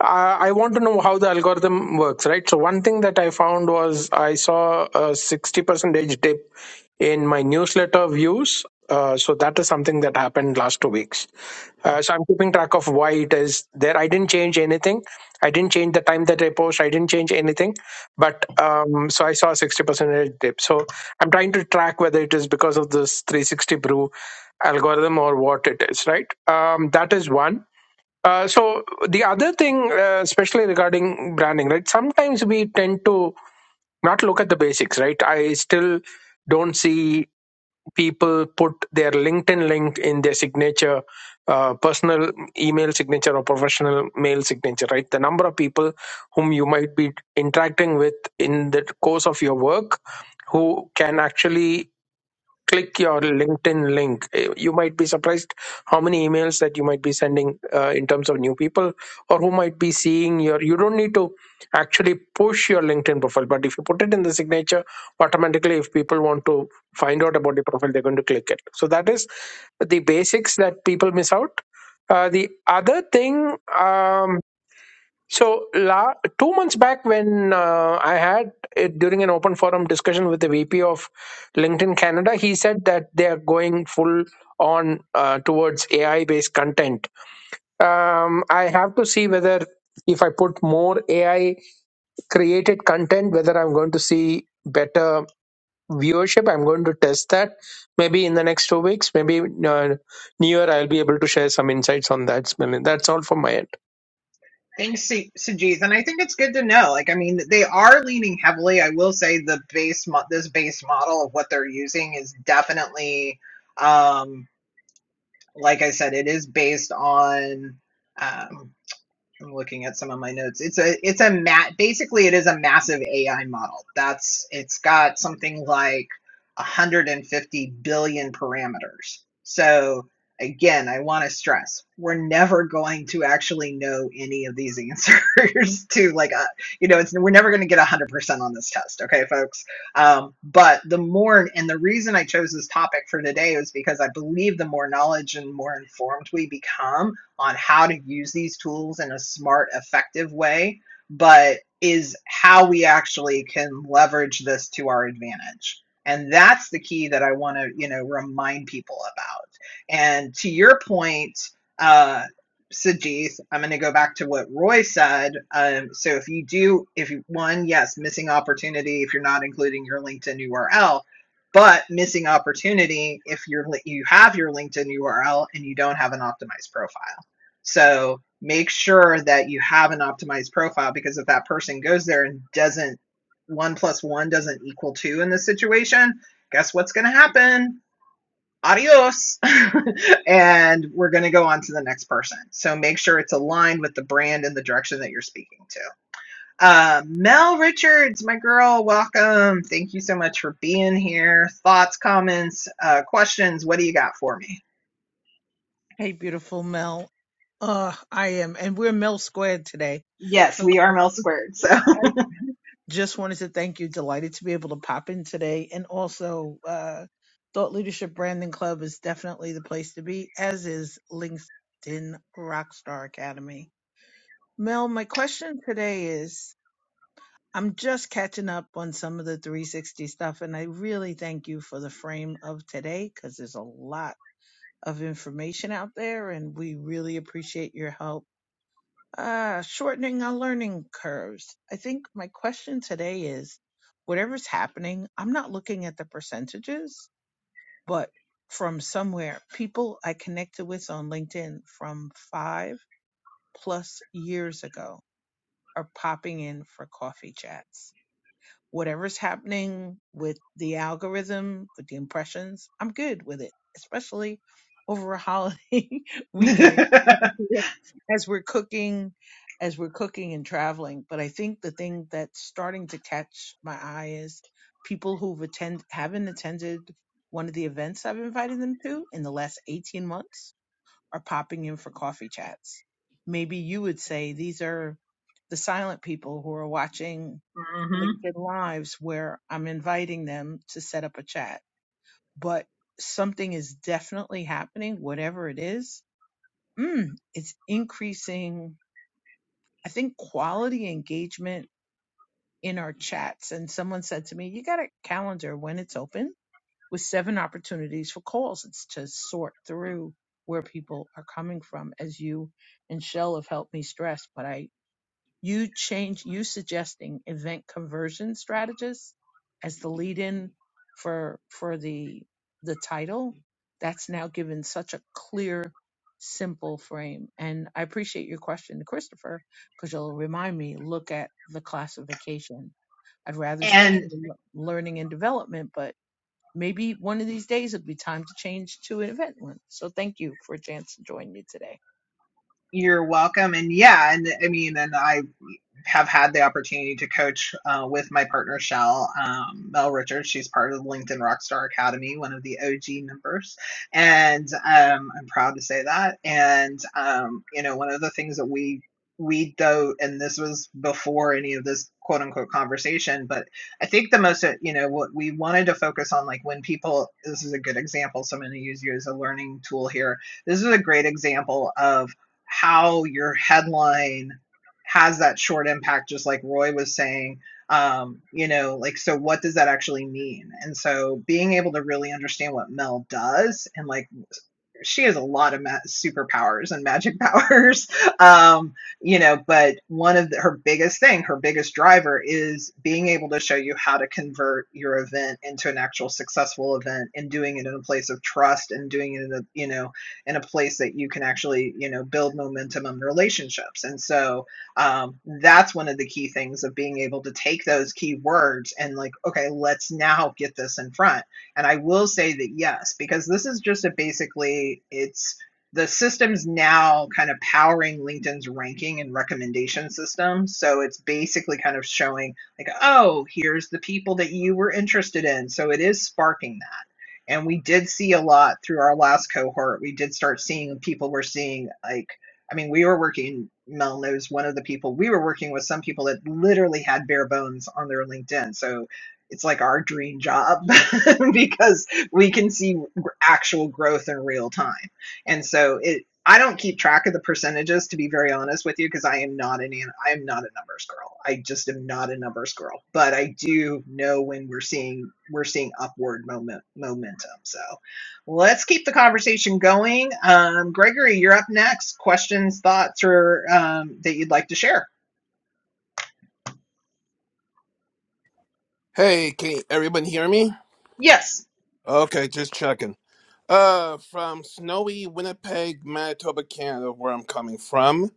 S4: I want to know how the algorithm works, right? So one thing that I found was I saw a 60% dip in my newsletter views. Uh, so that is something that happened last two weeks. Uh, so I'm keeping track of why it is there. I didn't change anything. I didn't change the time that I post. I didn't change anything. But um, so I saw a 60% dip. So I'm trying to track whether it is because of this 360 brew algorithm or what it is, right? Um, that is one. Uh, so the other thing, uh, especially regarding branding, right? Sometimes we tend to not look at the basics, right? I still don't see people put their LinkedIn link in their signature, uh, personal email signature or professional mail signature, right? The number of people whom you might be interacting with in the course of your work who can actually click your LinkedIn link. Eh, You might be surprised how many emails that you might be sending uh, in terms of new people or who might be seeing your. You don't need to actually push your LinkedIn profile, but if you put it in the signature, automatically, if people want to find out about the profile, they're going to click it. So that is the basics that people miss out. Uh, the other thing. Um, so la- two months back, when uh, I had it during an open forum discussion with the VP of LinkedIn Canada, he said that they are going full on uh, towards AI based content. Um, I have to see whether if I put more AI created content, whether I'm going to see better viewership. I'm going to test that maybe in the next two weeks. Maybe uh, near I'll be able to share some insights on that. Smilan. That's all from my end.
S2: Thanks, Su- Sujeet. And I think it's good to know. Like, I mean, they are leaning heavily. I will say the base, mo- this base model of what they're using is definitely, um, like I said, it is based on. Um, I'm looking at some of my notes. It's a it's a mat basically it is a massive AI model. That's it's got something like 150 billion parameters. So again, I want to stress we're never going to actually know any of these answers to like uh, you know it's we're never going to get 100% on this test, okay folks? Um, but the more and the reason I chose this topic for today is because I believe the more knowledge and more informed we become, on how to use these tools in a smart, effective way, but is how we actually can leverage this to our advantage. And that's the key that I want to, you know, remind people about. And to your point, uh, Sajith, I'm going to go back to what Roy said. Um, so if you do, if you, one, yes, missing opportunity if you're not including your LinkedIn URL, but missing opportunity if you're you have your LinkedIn URL and you don't have an optimized profile. So make sure that you have an optimized profile because if that person goes there and doesn't one plus one doesn't equal two in this situation, guess what's going to happen? Adios. and we're going to go on to the next person. So make sure it's aligned with the brand and the direction that you're speaking to. Uh, Mel Richards, my girl, welcome. Thank you so much for being here. Thoughts, comments, uh, questions? What do you got for me?
S5: Hey, beautiful Mel. Uh, I am, and we're Mel Squared today.
S2: Yes,
S5: So
S2: we are Mel squared. So.
S5: I just wanted to thank you. Delighted to be able to pop in today. And also, uh, Thought Leadership Branding Club is definitely the place to be, as is LinkedIn Rockstar Academy. Mel, my question today is I'm just catching up on some of the 360 stuff, and I really thank you for the frame of today because there's a lot of information out there, and we really appreciate your help uh, shortening our learning curves. I think my question today is whatever's happening, I'm not looking at the percentages, but from somewhere, people I connected with on LinkedIn from five plus years ago are popping in for coffee chats whatever's happening with the algorithm, with the impressions, I'm good with it, especially over a holiday weekend as
S2: mm
S5: we're as we're cooking, as we're cooking and traveling. But I think the thing that's starting to catch my eye is people who've attend haven't attended one of the events I've invited them to in the last 18 months are popping in for coffee chats. Maybe you would say these are the silent people who are watching
S2: Mhm.
S5: LinkedIn Lives where I'm inviting them to set up a chat. But something is definitely happening, whatever it is. Mm, it's increasing, I think, quality engagement in our chats. And someone said to me, You got a calendar when it's open? with seven opportunities for calls. It's to sort through where people are coming from, as you and Shell have helped me stress. But I, you change, you suggesting event conversion strategist as the lead-in for for the the title. That's now given such a clear, simple frame. And I appreciate your question, Christopher, because you'll remind me. Look at the classification. I'd rather stay in
S2: and
S5: the learning and development, but maybe one of these days it'll be time to change to an event one. So thank you for a chance to join you today.
S2: you're welcome and yeah and i mean and i have had the opportunity to coach uh, with my partner Shell um, Mel Richards. She's part of the LinkedIn Rockstar Academy, one of the OG members, and um, I'm proud to say that. And um, you know, one of the things that we we do, and this was before any of this quote unquote conversation, but I think the most, uh, you know, what we wanted to focus on, like when people, this is a good example, so I'm going to use you as a learning tool here. This is a great example of how your headline has that short impact, just like Roy was saying. Um, you know, like, so what does that actually mean? And so being able to really understand what Mel does and like she has a lot of ma- superpowers and magic powers um you know but one of the, her biggest thing her biggest driver is being able to show you how to convert your event into an actual successful event and doing it in a place of trust and doing it in a you know in a place that you can actually you know build momentum and relationships and so um that's one of the key things of being able to take those key words and like okay let's now get this in front and I will say that yes, because this is just a basically it's the system's now kind of powering LinkedIn's ranking and recommendation system. So it's basically kind of showing like, oh, here's the people that you were interested in. So it is sparking that. And we did see a lot through our last cohort. We did start seeing people were seeing like I mean, we were working, Mel knows one of the people, we were working with some people that literally had bare bones on their LinkedIn. So it's like our dream job because we can see actual growth in real time. And so it I don't keep track of the percentages to be very honest with you because I am not an I am not a numbers girl. I just am not a numbers girl, but I do know when we're seeing we're seeing upward moment momentum. So let's keep the conversation going. Um, Gregory, you're up next. Questions, thoughts, or um, that you'd like to share?
S6: Hey, can everyone hear me?
S2: Yes.
S6: Okay, just checking. Uh, from snowy Winnipeg, Manitoba, Canada, where I'm coming from.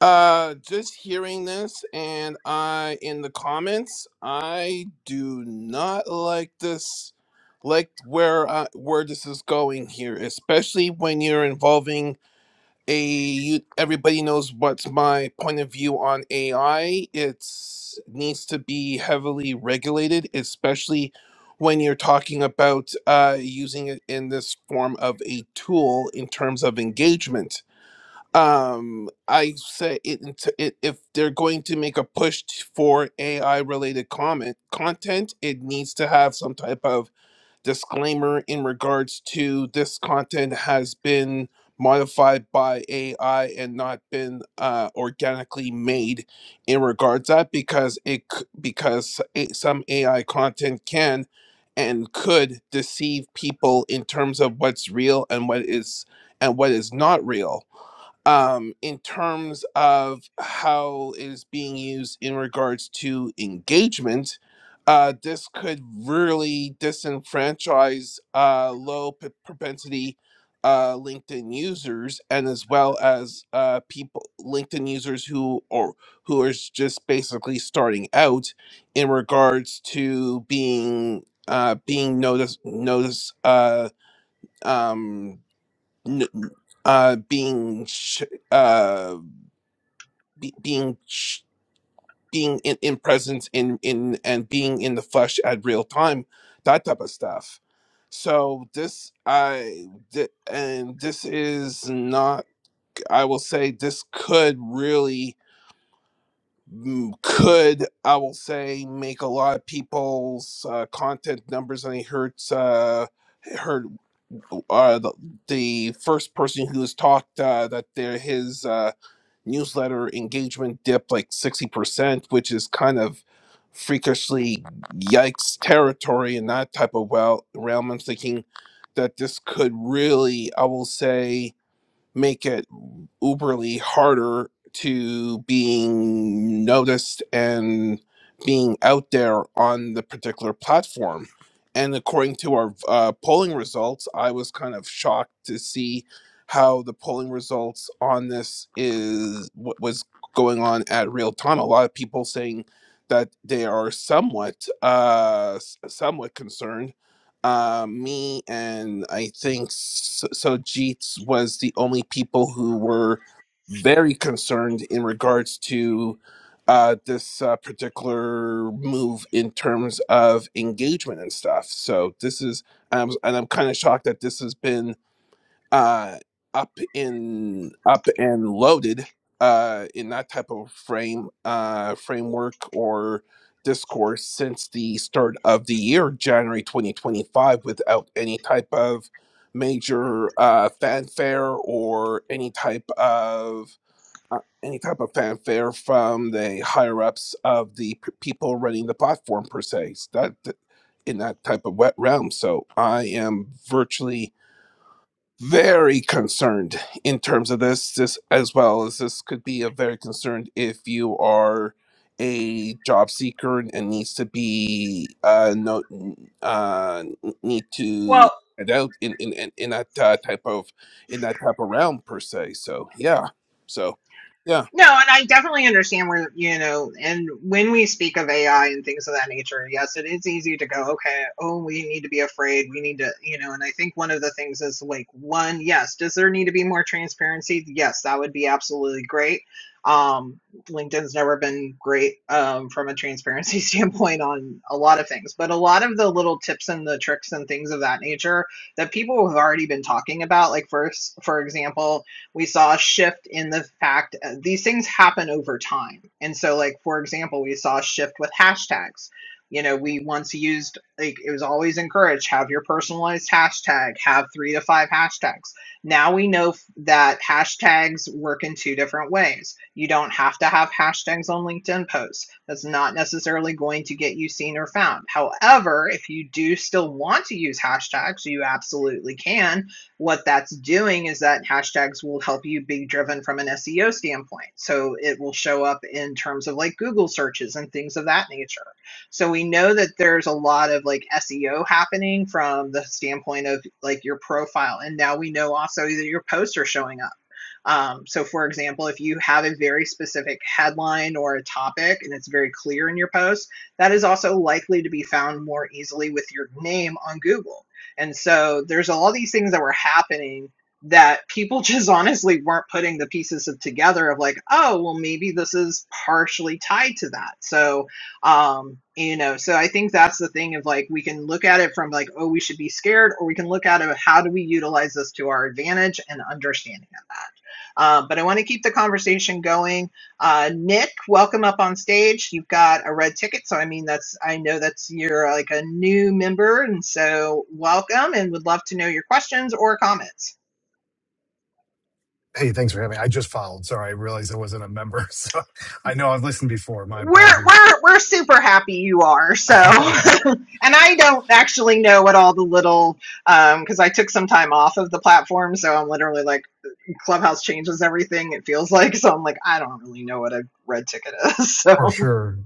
S6: Uh, just hearing this, and I in the comments, I do not like this, like where uh, where this is going here, especially when you're involving a you, everybody knows what's my point of view on AI. It's needs to be heavily regulated, especially when you're talking about uh, using it in this form of a tool in terms of engagement. Um, I say it, int- it if they're going to make a push t- for AI related comment content, it needs to have some type of disclaimer in regards to this content has been modified by AI and not been uh, organically made in regards to that because it c- because a- some AI content can and could deceive people in terms of what's real and what is and what is not real um, in terms of how it is being used in regards to engagement, uh, this could really disenfranchise uh, low p- propensity uh, LinkedIn users, and as well as uh, people LinkedIn users who or who are s- just basically starting out in regards to being uh, being notice notice uh, um, n- uh, being sh- uh, be- being sh- being in, in presence in in and being in the flesh at real time, that type of stuff. So this I th- and this is not. I will say this could really mm, could I will say make a lot of people's uh, content numbers. And I heard uh, heard uh, the, the first person who has talked uh, that there his. Uh, newsletter engagement dipped like 60%, which is kind of freakishly yikes territory in that type of well realm. I'm thinking that this could really, I will say, make it uberly harder to being noticed and being out there on the particular platform. And according to our uh, polling results, I was kind of shocked to see how the polling results on this is what was going on at real time. A lot of people saying that they are somewhat, uh, s- somewhat concerned uh, me and I think so, so Jeets was the only people who were very concerned in regards to uh, this uh, particular move in terms of engagement and stuff. So this is, and I'm, and I'm kind of shocked that this has been uh, up in up and loaded uh, in that type of frame uh, framework or discourse since the start of the year, January 2025, without any type of major uh, fanfare or any type of uh, any type of fanfare from the higher ups of the p- people running the platform per se. So That in that type of wet realm. So I am virtually very concerned in terms of this, this as well as this could be a very concerned if you are a job seeker and needs to be uh no uh need to
S2: Well.
S6: stand out in in in, in that uh, type of in that type of realm per se so yeah so yeah
S2: No, and I definitely understand where, you know, and when we speak of AI and things of that nature, yes, it is easy to go, okay, oh, we need to be afraid. We need to, you know, and I think one of the things is like, one, yes, does there need to be more transparency? Yes, that would be absolutely great. Um, LinkedIn's never been great um, from a transparency standpoint on a lot of things, but a lot of the little tips and the tricks and things of that nature that people have already been talking about, like, first, for example, we saw a shift in the fact uh, these things happen over time. And so, like, for example, we saw a shift with hashtags. You know, we once used, like, it was always encouraged have your personalized hashtag, have three to five hashtags. Now we know that hashtags work in two different ways. You don't have to have hashtags on LinkedIn posts, that's not necessarily going to get you seen or found. However, if you do still want to use hashtags, you absolutely can what that's doing is that hashtags will help you be driven from an SEO standpoint. So it will show up in terms of like Google searches and things of that nature. So we know that there's a lot of like SEO happening from the standpoint of like your profile. And now we know also that your posts are showing up. Um, so, for example, if you have a very specific headline or a topic and it's very clear in your post, that is also likely to be found more easily with your name on Google. And so there's all these things that were happening that people just honestly weren't putting the pieces of together of like, oh, well, maybe this is partially tied to that. So, um, you know, so I think that's the thing of like, we can look at it from like, oh, we should be scared, or we can look at it, how do we utilize this to our advantage and understanding of that. Um, but I want to keep the conversation going. Uh, Nick, welcome up on stage. You've got a red ticket, so I mean that's I know that's you're like a new member, and so welcome, and would love to know your questions or comments.
S7: Hey, thanks for having me. I just followed. Sorry, I realized I wasn't a member. So I know I've listened before. My
S2: We're
S7: apologies.
S2: we're we're super happy you are. So, and I don't actually know what all the little um because I took some time off of the platform, so I'm literally like Clubhouse changes everything. It feels like so I'm like I don't really know what a red ticket is.
S7: for
S2: So.
S7: sure.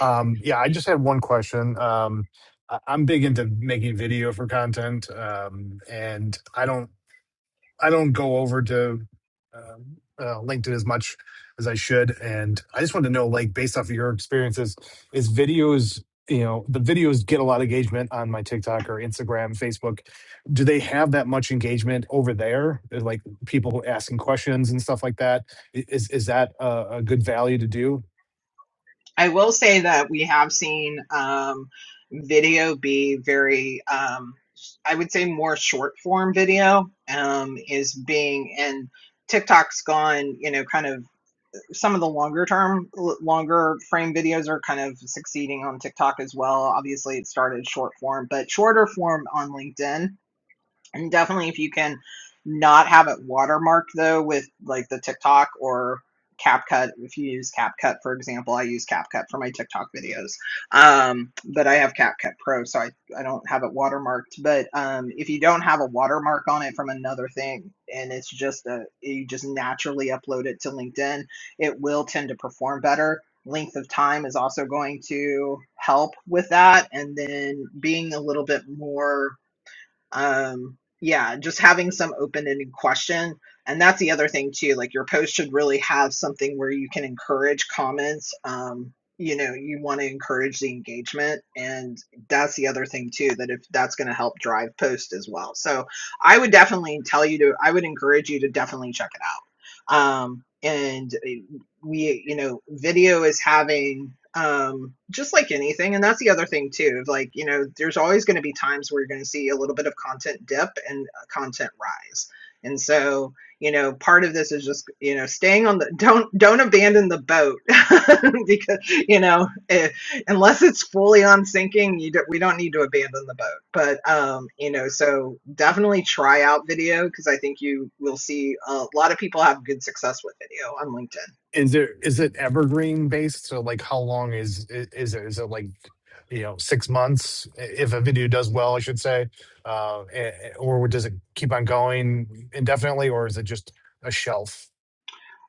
S7: Um, yeah, I just had one question. Um, I- I'm big into making video for content, um, and I don't. I don't go over to um, uh, LinkedIn as much as I should, and I just want to know, like, based off of your experiences, is videos, you know, the videos get a lot of engagement on my TikTok or Instagram, Facebook. Do they have that much engagement over there? Like people asking questions and stuff like that. I- Is is that a, a good value to do?
S2: I will say that we have seen um, video be very, um, I would say, more short form video um, is being, and TikTok's gone, you know, kind of some of the longer term, longer frame videos are kind of succeeding on TikTok as well. Obviously, it started short form, but shorter form on LinkedIn and definitely if you can not have it watermarked though with like the TikTok or CapCut. If you use CapCut, for example, I use CapCut for my TikTok videos. Um, but I have CapCut Pro, so I, I don't have it watermarked. But um, if you don't have a watermark on it from another thing and it's just a you just naturally upload it to LinkedIn, it will tend to perform better. Length of time is also going to help with that. And then being a little bit more um yeah just having some open-ended question and that's the other thing too like your post should really have something where you can encourage comments um you know you want to encourage the engagement and that's the other thing too that if that's going to help drive post as well so i would definitely tell you to i would encourage you to definitely check it out um and we you know video is having um just like anything and that's the other thing too like you know there's always going to be times where you're going to see a little bit of content dip and uh, content rise and so you know part of this is just you know staying on the don't don't abandon the boat because you know eh, unless it's fully on sinking you do, we don't need to abandon the boat but um you know so definitely try out video because i think you will see a lot of people have good success with video on linkedin
S7: Is there is it evergreen based? So like how long is i- is it? Is it like you know six months i- if a video does well, I should say, uh, eh, eh, or does it keep on going indefinitely, or is it just a shelf?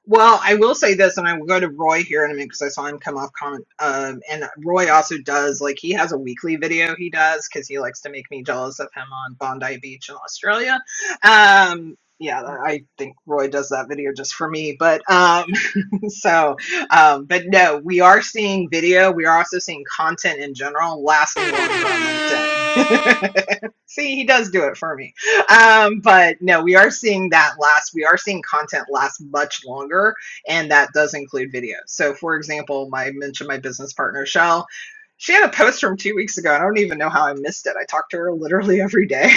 S2: well, I will say this, and I will go to Roy here in a minute because I saw him come off comment. Um, and Roy also does like he has a weekly video he does because he likes to make me jealous of him on Bondi Beach in Australia. Um, yeah, I think Roy does that video just for me. But um, so, um, but no, we are seeing video. We are also seeing content in general lasting longer on LinkedIn. See, he does do it for me. Um, but no, we are seeing that last. We are seeing content last much longer, and that does include video. So, for example, my I mentioned my business partner Shell. She had a post from two weeks ago. and I don't even know how I missed it. I talked to her literally every day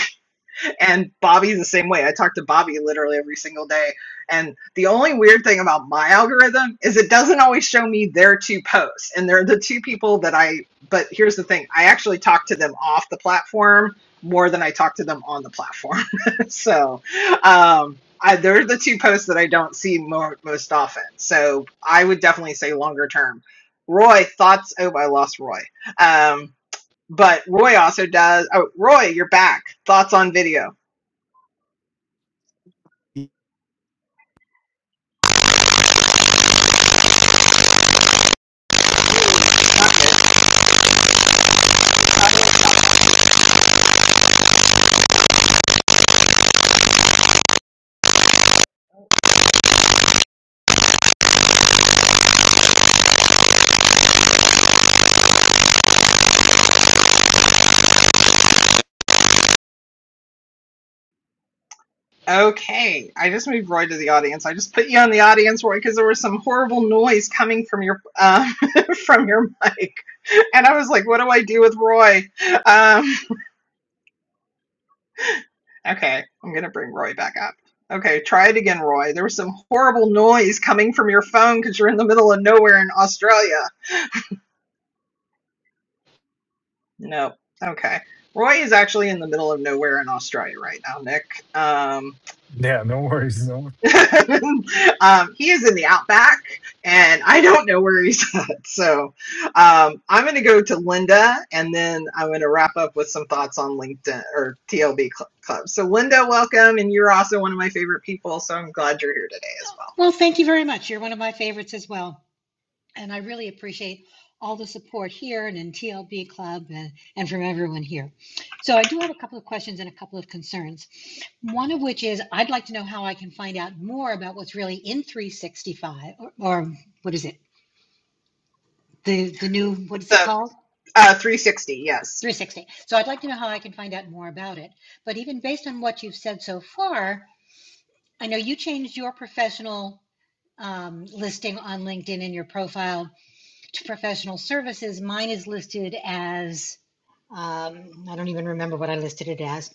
S2: and Bobby's the same way. I talk to Bobby literally every single day. And the only weird thing about my algorithm is it doesn't always show me their two posts. And they're the two people that I, but here's the thing I actually talk to them off the platform more than I talk to them on the platform. so, um, I, they're the two posts that I don't see more, most often. So I would definitely say longer term. Roy, thoughts? Oh, I lost Roy. Um, but Roy also does. Oh, Roy, you're back. Thoughts on video? Ooh, not good. How do I stop that? Okay, I just moved Roy to the audience. I just put you on the audience, Roy, because there was some horrible noise coming from your um, from your mic, and I was like, "What do I do with Roy?" Um, okay, I'm gonna bring Roy back up. Okay, try it again, Roy. There was some horrible noise coming from your phone because you're in the middle of nowhere in Australia. No. Okay. Roy is actually in the middle of nowhere in Australia right now, Nick. Um,
S7: Yeah, no worries. No
S2: um, he is in the outback, and I don't know where he's at. So um, I'm going to go to Linda, and then I'm going to wrap up with some thoughts on LinkedIn or TLB Cl- Club. So Linda, welcome, and you're also one of my favorite people. So I'm glad you're here today as well.
S8: Well, thank you very much. You're one of my favorites as well. And I really appreciate all the support here and in TLB Club and, and from everyone here. So, I do have a couple of questions and a couple of concerns. One of which is I'd like to know how I can find out more about what's really in 365 or, or what is it? The, the new, what is it
S2: The
S8: called?
S2: uh, 360, yes,
S8: 360. So, I'd like to know how I can find out more about it. But even based on what you've said so far, I know you changed your professional um, listing on LinkedIn in your profile to professional services, mine is listed as, um, I don't even remember what I listed it as.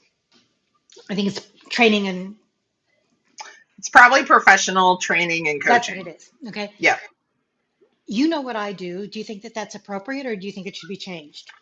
S8: I think it's training and
S2: it's probably professional training and
S8: that's what it
S2: coaching.
S8: is. Okay.
S2: Yeah.
S8: You know what I do. Do you think that that's appropriate or do you think it should be changed?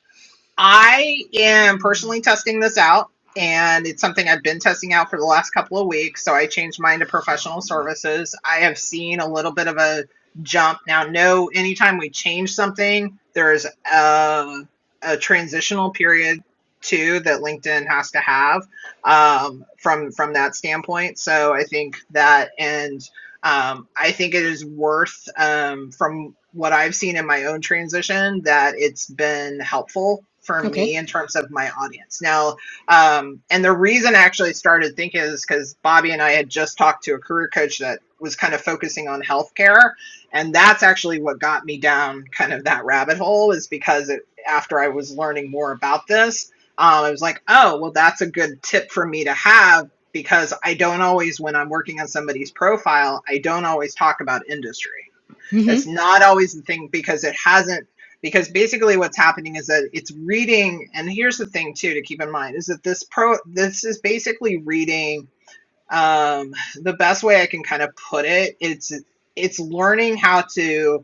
S2: I am
S8: Mm.
S2: personally testing this out, and it's something I've been testing out for the last couple of weeks. So I changed mine to professional services. I have seen a little bit of a jump. Now, no, anytime we change something, there is a, a transitional period too that LinkedIn has to have um, from from that standpoint. So I think that and um, I think it is worth, um, from what I've seen in my own transition, that it's been helpful for
S8: Okay.
S2: me in terms of my audience. Now, um, and the reason I actually started thinking is because Bobby and I had just talked to a career coach that was kind of focusing on healthcare. And that's actually what got me down kind of that rabbit hole, is because it, after I was learning more about this, um, I was like, oh, well, that's a good tip for me to have because I don't always, when I'm working on somebody's profile, I don't always talk about industry.
S8: hmm
S2: That's not always the thing because it hasn't. Because basically, what's happening is that it's reading, and here's the thing too to keep in mind is that this pro, this is basically reading. Um, the best way I can kind of put it, it's it's learning how to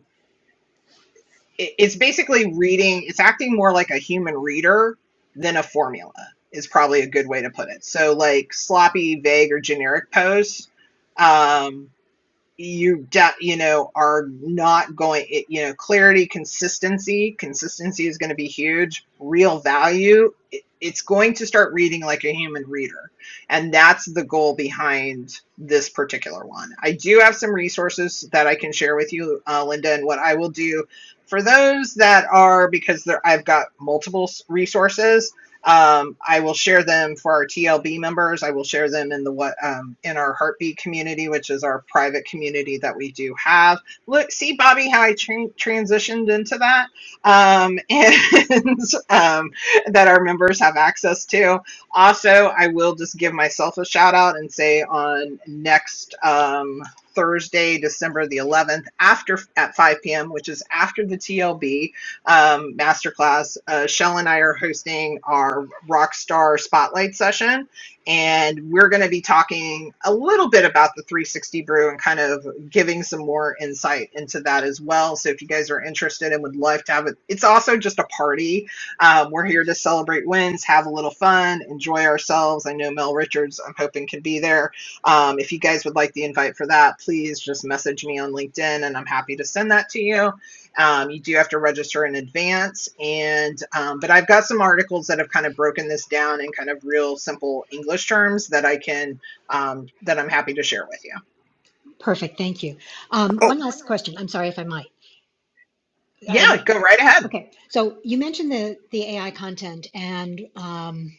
S2: it- it's basically reading it's acting more like a human reader than a formula is probably a good way to put it so like sloppy vague or generic posts um you de- you know are not going it, you know clarity consistency consistency is going to be huge real value it, it's going to start reading like a human reader and that's the goal behind this particular one i do have some resources that i can share with you uh, linda and what i will do for those that are because there, i've got multiple resources um, I will share them for our TLB members. I will share them in the what um, in our heartbeat community, which is our private community that we do have. Look, see Bobby, how I tran- transitioned into that, um, and um, that our members have access to. Also, I will just give myself a shout out and say on next um, Thursday, December the 11th, after at 5 p.m., which is after the TLB um, masterclass. Uh, Shell and I are hosting our Rockstar Spotlight session, and we're going to be talking a little bit about the 360 brew and kind of giving some more insight into that as well. So if you guys are interested and would love to have it, it's also just a party. Um, we're here to celebrate wins, have a little fun, enjoy ourselves. I know Mel Richards, I'm hoping, can be there. Um, if you guys would like the invite for that, please just message me on LinkedIn and I'm happy to send that to you. Um, you do have to register in advance, and um, but I've got some articles that have kind of broken this down in kind of real simple English terms that I can um, that I'm happy to share with you.
S8: Perfect. Thank you. Um,
S6: Oh,
S8: one last question. I'm sorry if I might. I'm
S2: Yeah, go right ahead.
S8: okay. So you mentioned the, the AI content and, um,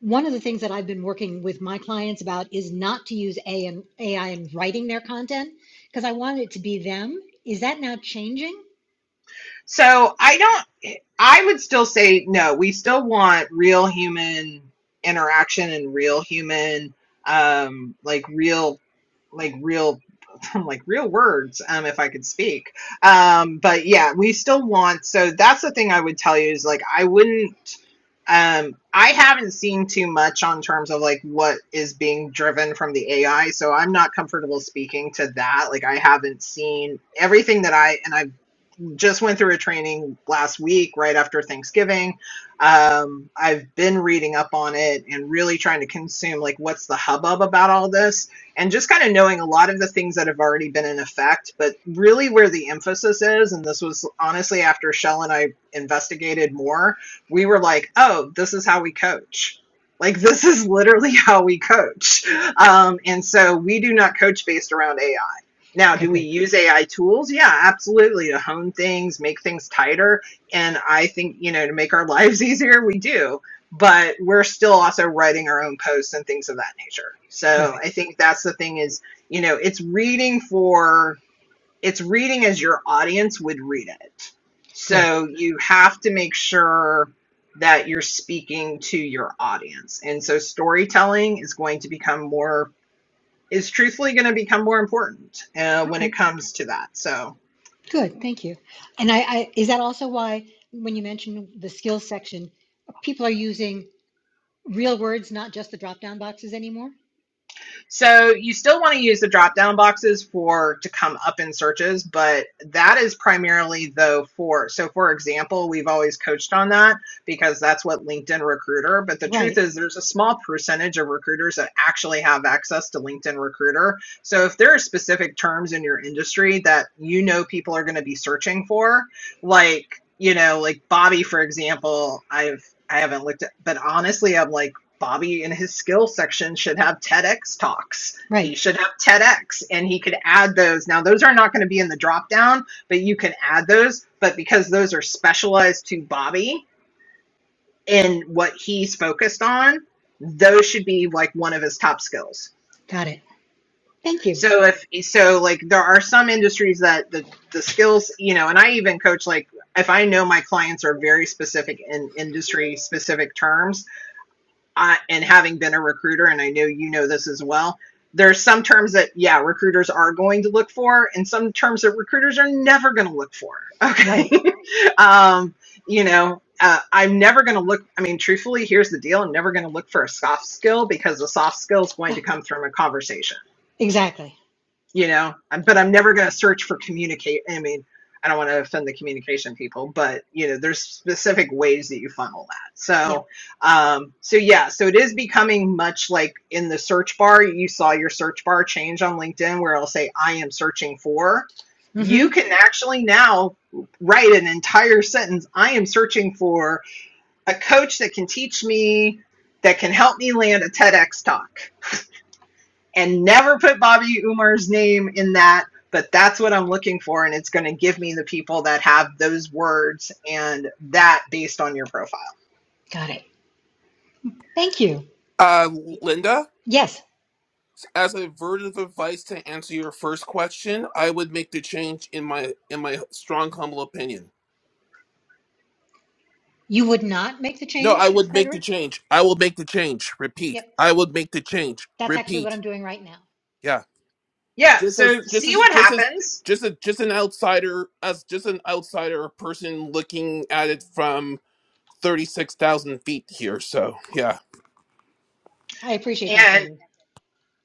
S8: one of the things that I've been working with my clients about is not to use AI in writing their content because I want it to be them. Is that now changing?
S2: So I don't, I would still say no, we still want real human interaction and real human, um, like real, like real I'm like real words um, if I could speak. Um, but yeah, we still want. So that's the thing I would tell you is like I wouldn't. Um, I haven't seen too much on terms of like what is being driven from the AI, so I'm not comfortable speaking to that. Like I haven't seen everything that I and I've just went through a training last week right after Thanksgiving. Um, I've been reading up on it and really trying to consume like what's the hubbub about all this and just kind of knowing a lot of the things that have already been in effect, but really where the emphasis is, and this was honestly after Shell and I investigated more, we were like, oh, this is how we coach. Like, this is literally how we coach. Um, and so we do not coach based around AI now,
S8: Okay,
S2: do we
S8: good.
S2: use AI tools? Yeah, absolutely to hone things, make things tighter. And I think, you know, to make our lives easier, we do. But we're still also writing our own posts and things of that nature. So I
S8: Perfect.
S2: think that's the thing is, you know, it's reading for, it's reading as your audience would read it.
S8: Good.
S2: So you have to make sure that you're speaking to your audience. And so storytelling is going to become more is truthfully going to become more important uh, when
S8: Okay.
S2: it comes to that. So,
S8: Good. Thank you. And I, I is that also why when you mentioned the skills section, people are using real words, not just the drop down boxes anymore?
S2: So you still want to use the drop down boxes for to come up in searches, but that is primarily though for so for example, we've always coached on that because that's what LinkedIn recruiter, but the truth
S8: Right.
S2: is there's a small percentage of recruiters that actually have access to LinkedIn recruiter. So if there are specific terms in your industry that you know people are going to be searching for, like you know, like Bobby, for example, I've I haven't looked at, but honestly, I'm like Bobby in his skill section should have TEDx talks. He
S8: Right.
S2: should have TEDx and he could add those. Now, those are not going to be in the drop down, but you can add those. But because those are specialized to Bobby and what he's focused on, those should be like one of his top skills.
S8: Got it. Thank you.
S2: So, if so, like there are some industries that the, the skills, you know, and I even coach like if I know my clients are very specific in industry specific terms, I, and having been a recruiter, and I know you know this as well, there's some terms that, yeah, recruiters are going to look for, and some terms that recruiters are never going to look for. Okay.
S8: Right.
S2: um, you know, uh, I'm never going to look, I mean, truthfully, here's the deal I'm never going to look for a soft skill because the soft skill is going
S8: Yeah,
S2: to come from a conversation
S8: Exactly.
S2: you know but i'm never going to search for communicate i mean i don't want to offend the communication people but you know there's specific ways that you funnel that
S8: Yep.
S2: so um so yeah so it is becoming much like in the search bar you saw your search bar change on linkedin where it'll say i am searching for you
S8: Mm-hmm.
S2: can actually now write an entire sentence i am searching for a coach that can teach me that can help me land a tedx talk and never put Bobby Umar's name in that, but that's what I'm looking for. And it's going to give me the people that have those words and that based on your profile.
S8: Got it. Thank you.
S6: uh, Linda,
S8: Yes.
S6: as a word of advice to answer your first question, I would make the change in my in my strong humble opinion.
S8: You would not make the
S6: No, I
S8: change,
S6: would make the
S8: Gregory?
S6: change. I will make the change. Repeat.
S8: Yep.
S6: I would make the change.
S8: That's actually what
S6: Repeat.
S8: I'm doing right now.
S6: Yeah.
S2: Yeah.
S6: Just as
S2: So
S6: just
S2: see
S6: as
S2: what
S6: just as
S2: happens.
S6: just a just an outsider as just an outsider person looking at it from thirty six thousand feet here. So yeah.
S8: I appreciate that,
S2: And
S8: Gregory.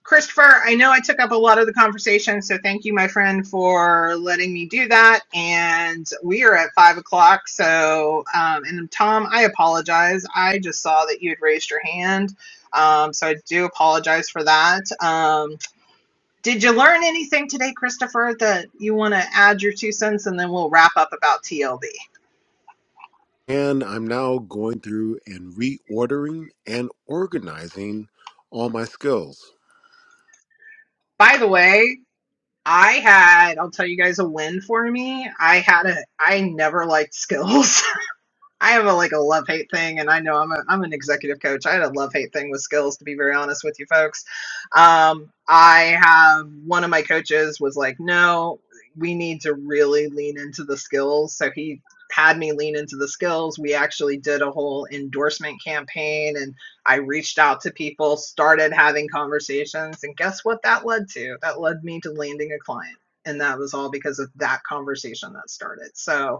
S2: Christopher, I know I took up a lot of the conversation. So thank you, my friend, for letting me do that. And we are at five o'clock. So, um, and Tom, I apologize. I just saw that you had raised your hand. Um, so I do apologize for that. Um, Did you learn anything today, Christopher, that you want to add your two cents and then we'll wrap up about TLD?
S1: And I'm now going through and reordering and organizing all my skills.
S2: By the way, I had, I'll tell you guys a win for me. I had a, I never liked skills. I have a like a love hate thing, and I know I'm a, I'm an executive coach. I had a love hate thing with skills, to be very honest with you folks. Um, I have one of my coaches was like, no, we need to really lean into the skills. So he had me lean into the skills. We actually did a whole endorsement campaign, and I reached out to people, started having conversations, and guess what? That led to that led me to landing a client, and that was all because of that conversation that started. So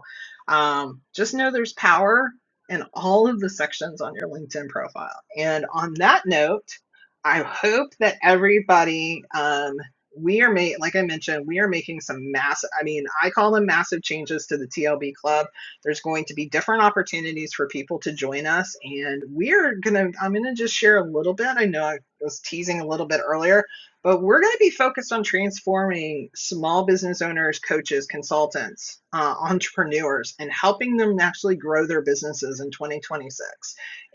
S2: um, just know there's power in all of the sections on your LinkedIn profile. And on that note, I hope that everybody, um, we are made, like I mentioned, we are making some massive, I mean, I call them massive changes to the TLB club. There's going to be different opportunities for people to join us. And we're going to, I'm going to just share a little bit. I know I was teasing a little bit earlier but we're going to be focused on transforming small business owners, coaches, consultants, uh, entrepreneurs, and helping them actually grow their businesses in 2026.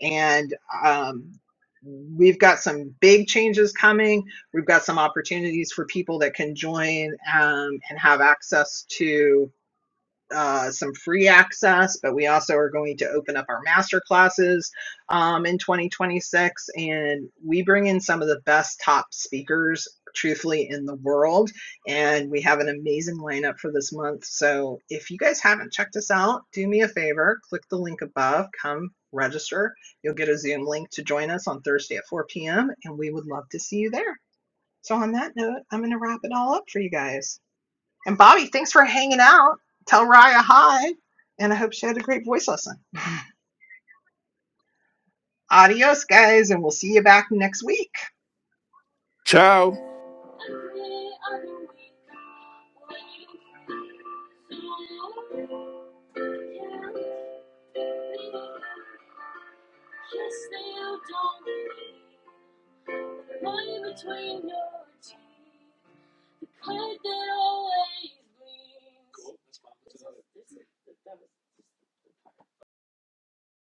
S2: And um, we've got some big changes coming. We've got some opportunities for people that can join um, and have access to uh, some free access, but we also are going to open up our master classes um, in 2026. And we bring in some of the best top speakers, truthfully, in the world. And we have an amazing lineup for this month. So if you guys haven't checked us out, do me a favor click the link above, come register. You'll get a Zoom link to join us on Thursday at 4 p.m. And we would love to see you there. So, on that note, I'm going to wrap it all up for you guys. And Bobby, thanks for hanging out. Tell Raya hi. And I hope she had a great voice lesson. Adios, guys, and we'll see you back next week.
S6: Ciao.
S9: Between your teeth, the cut that always bleeds.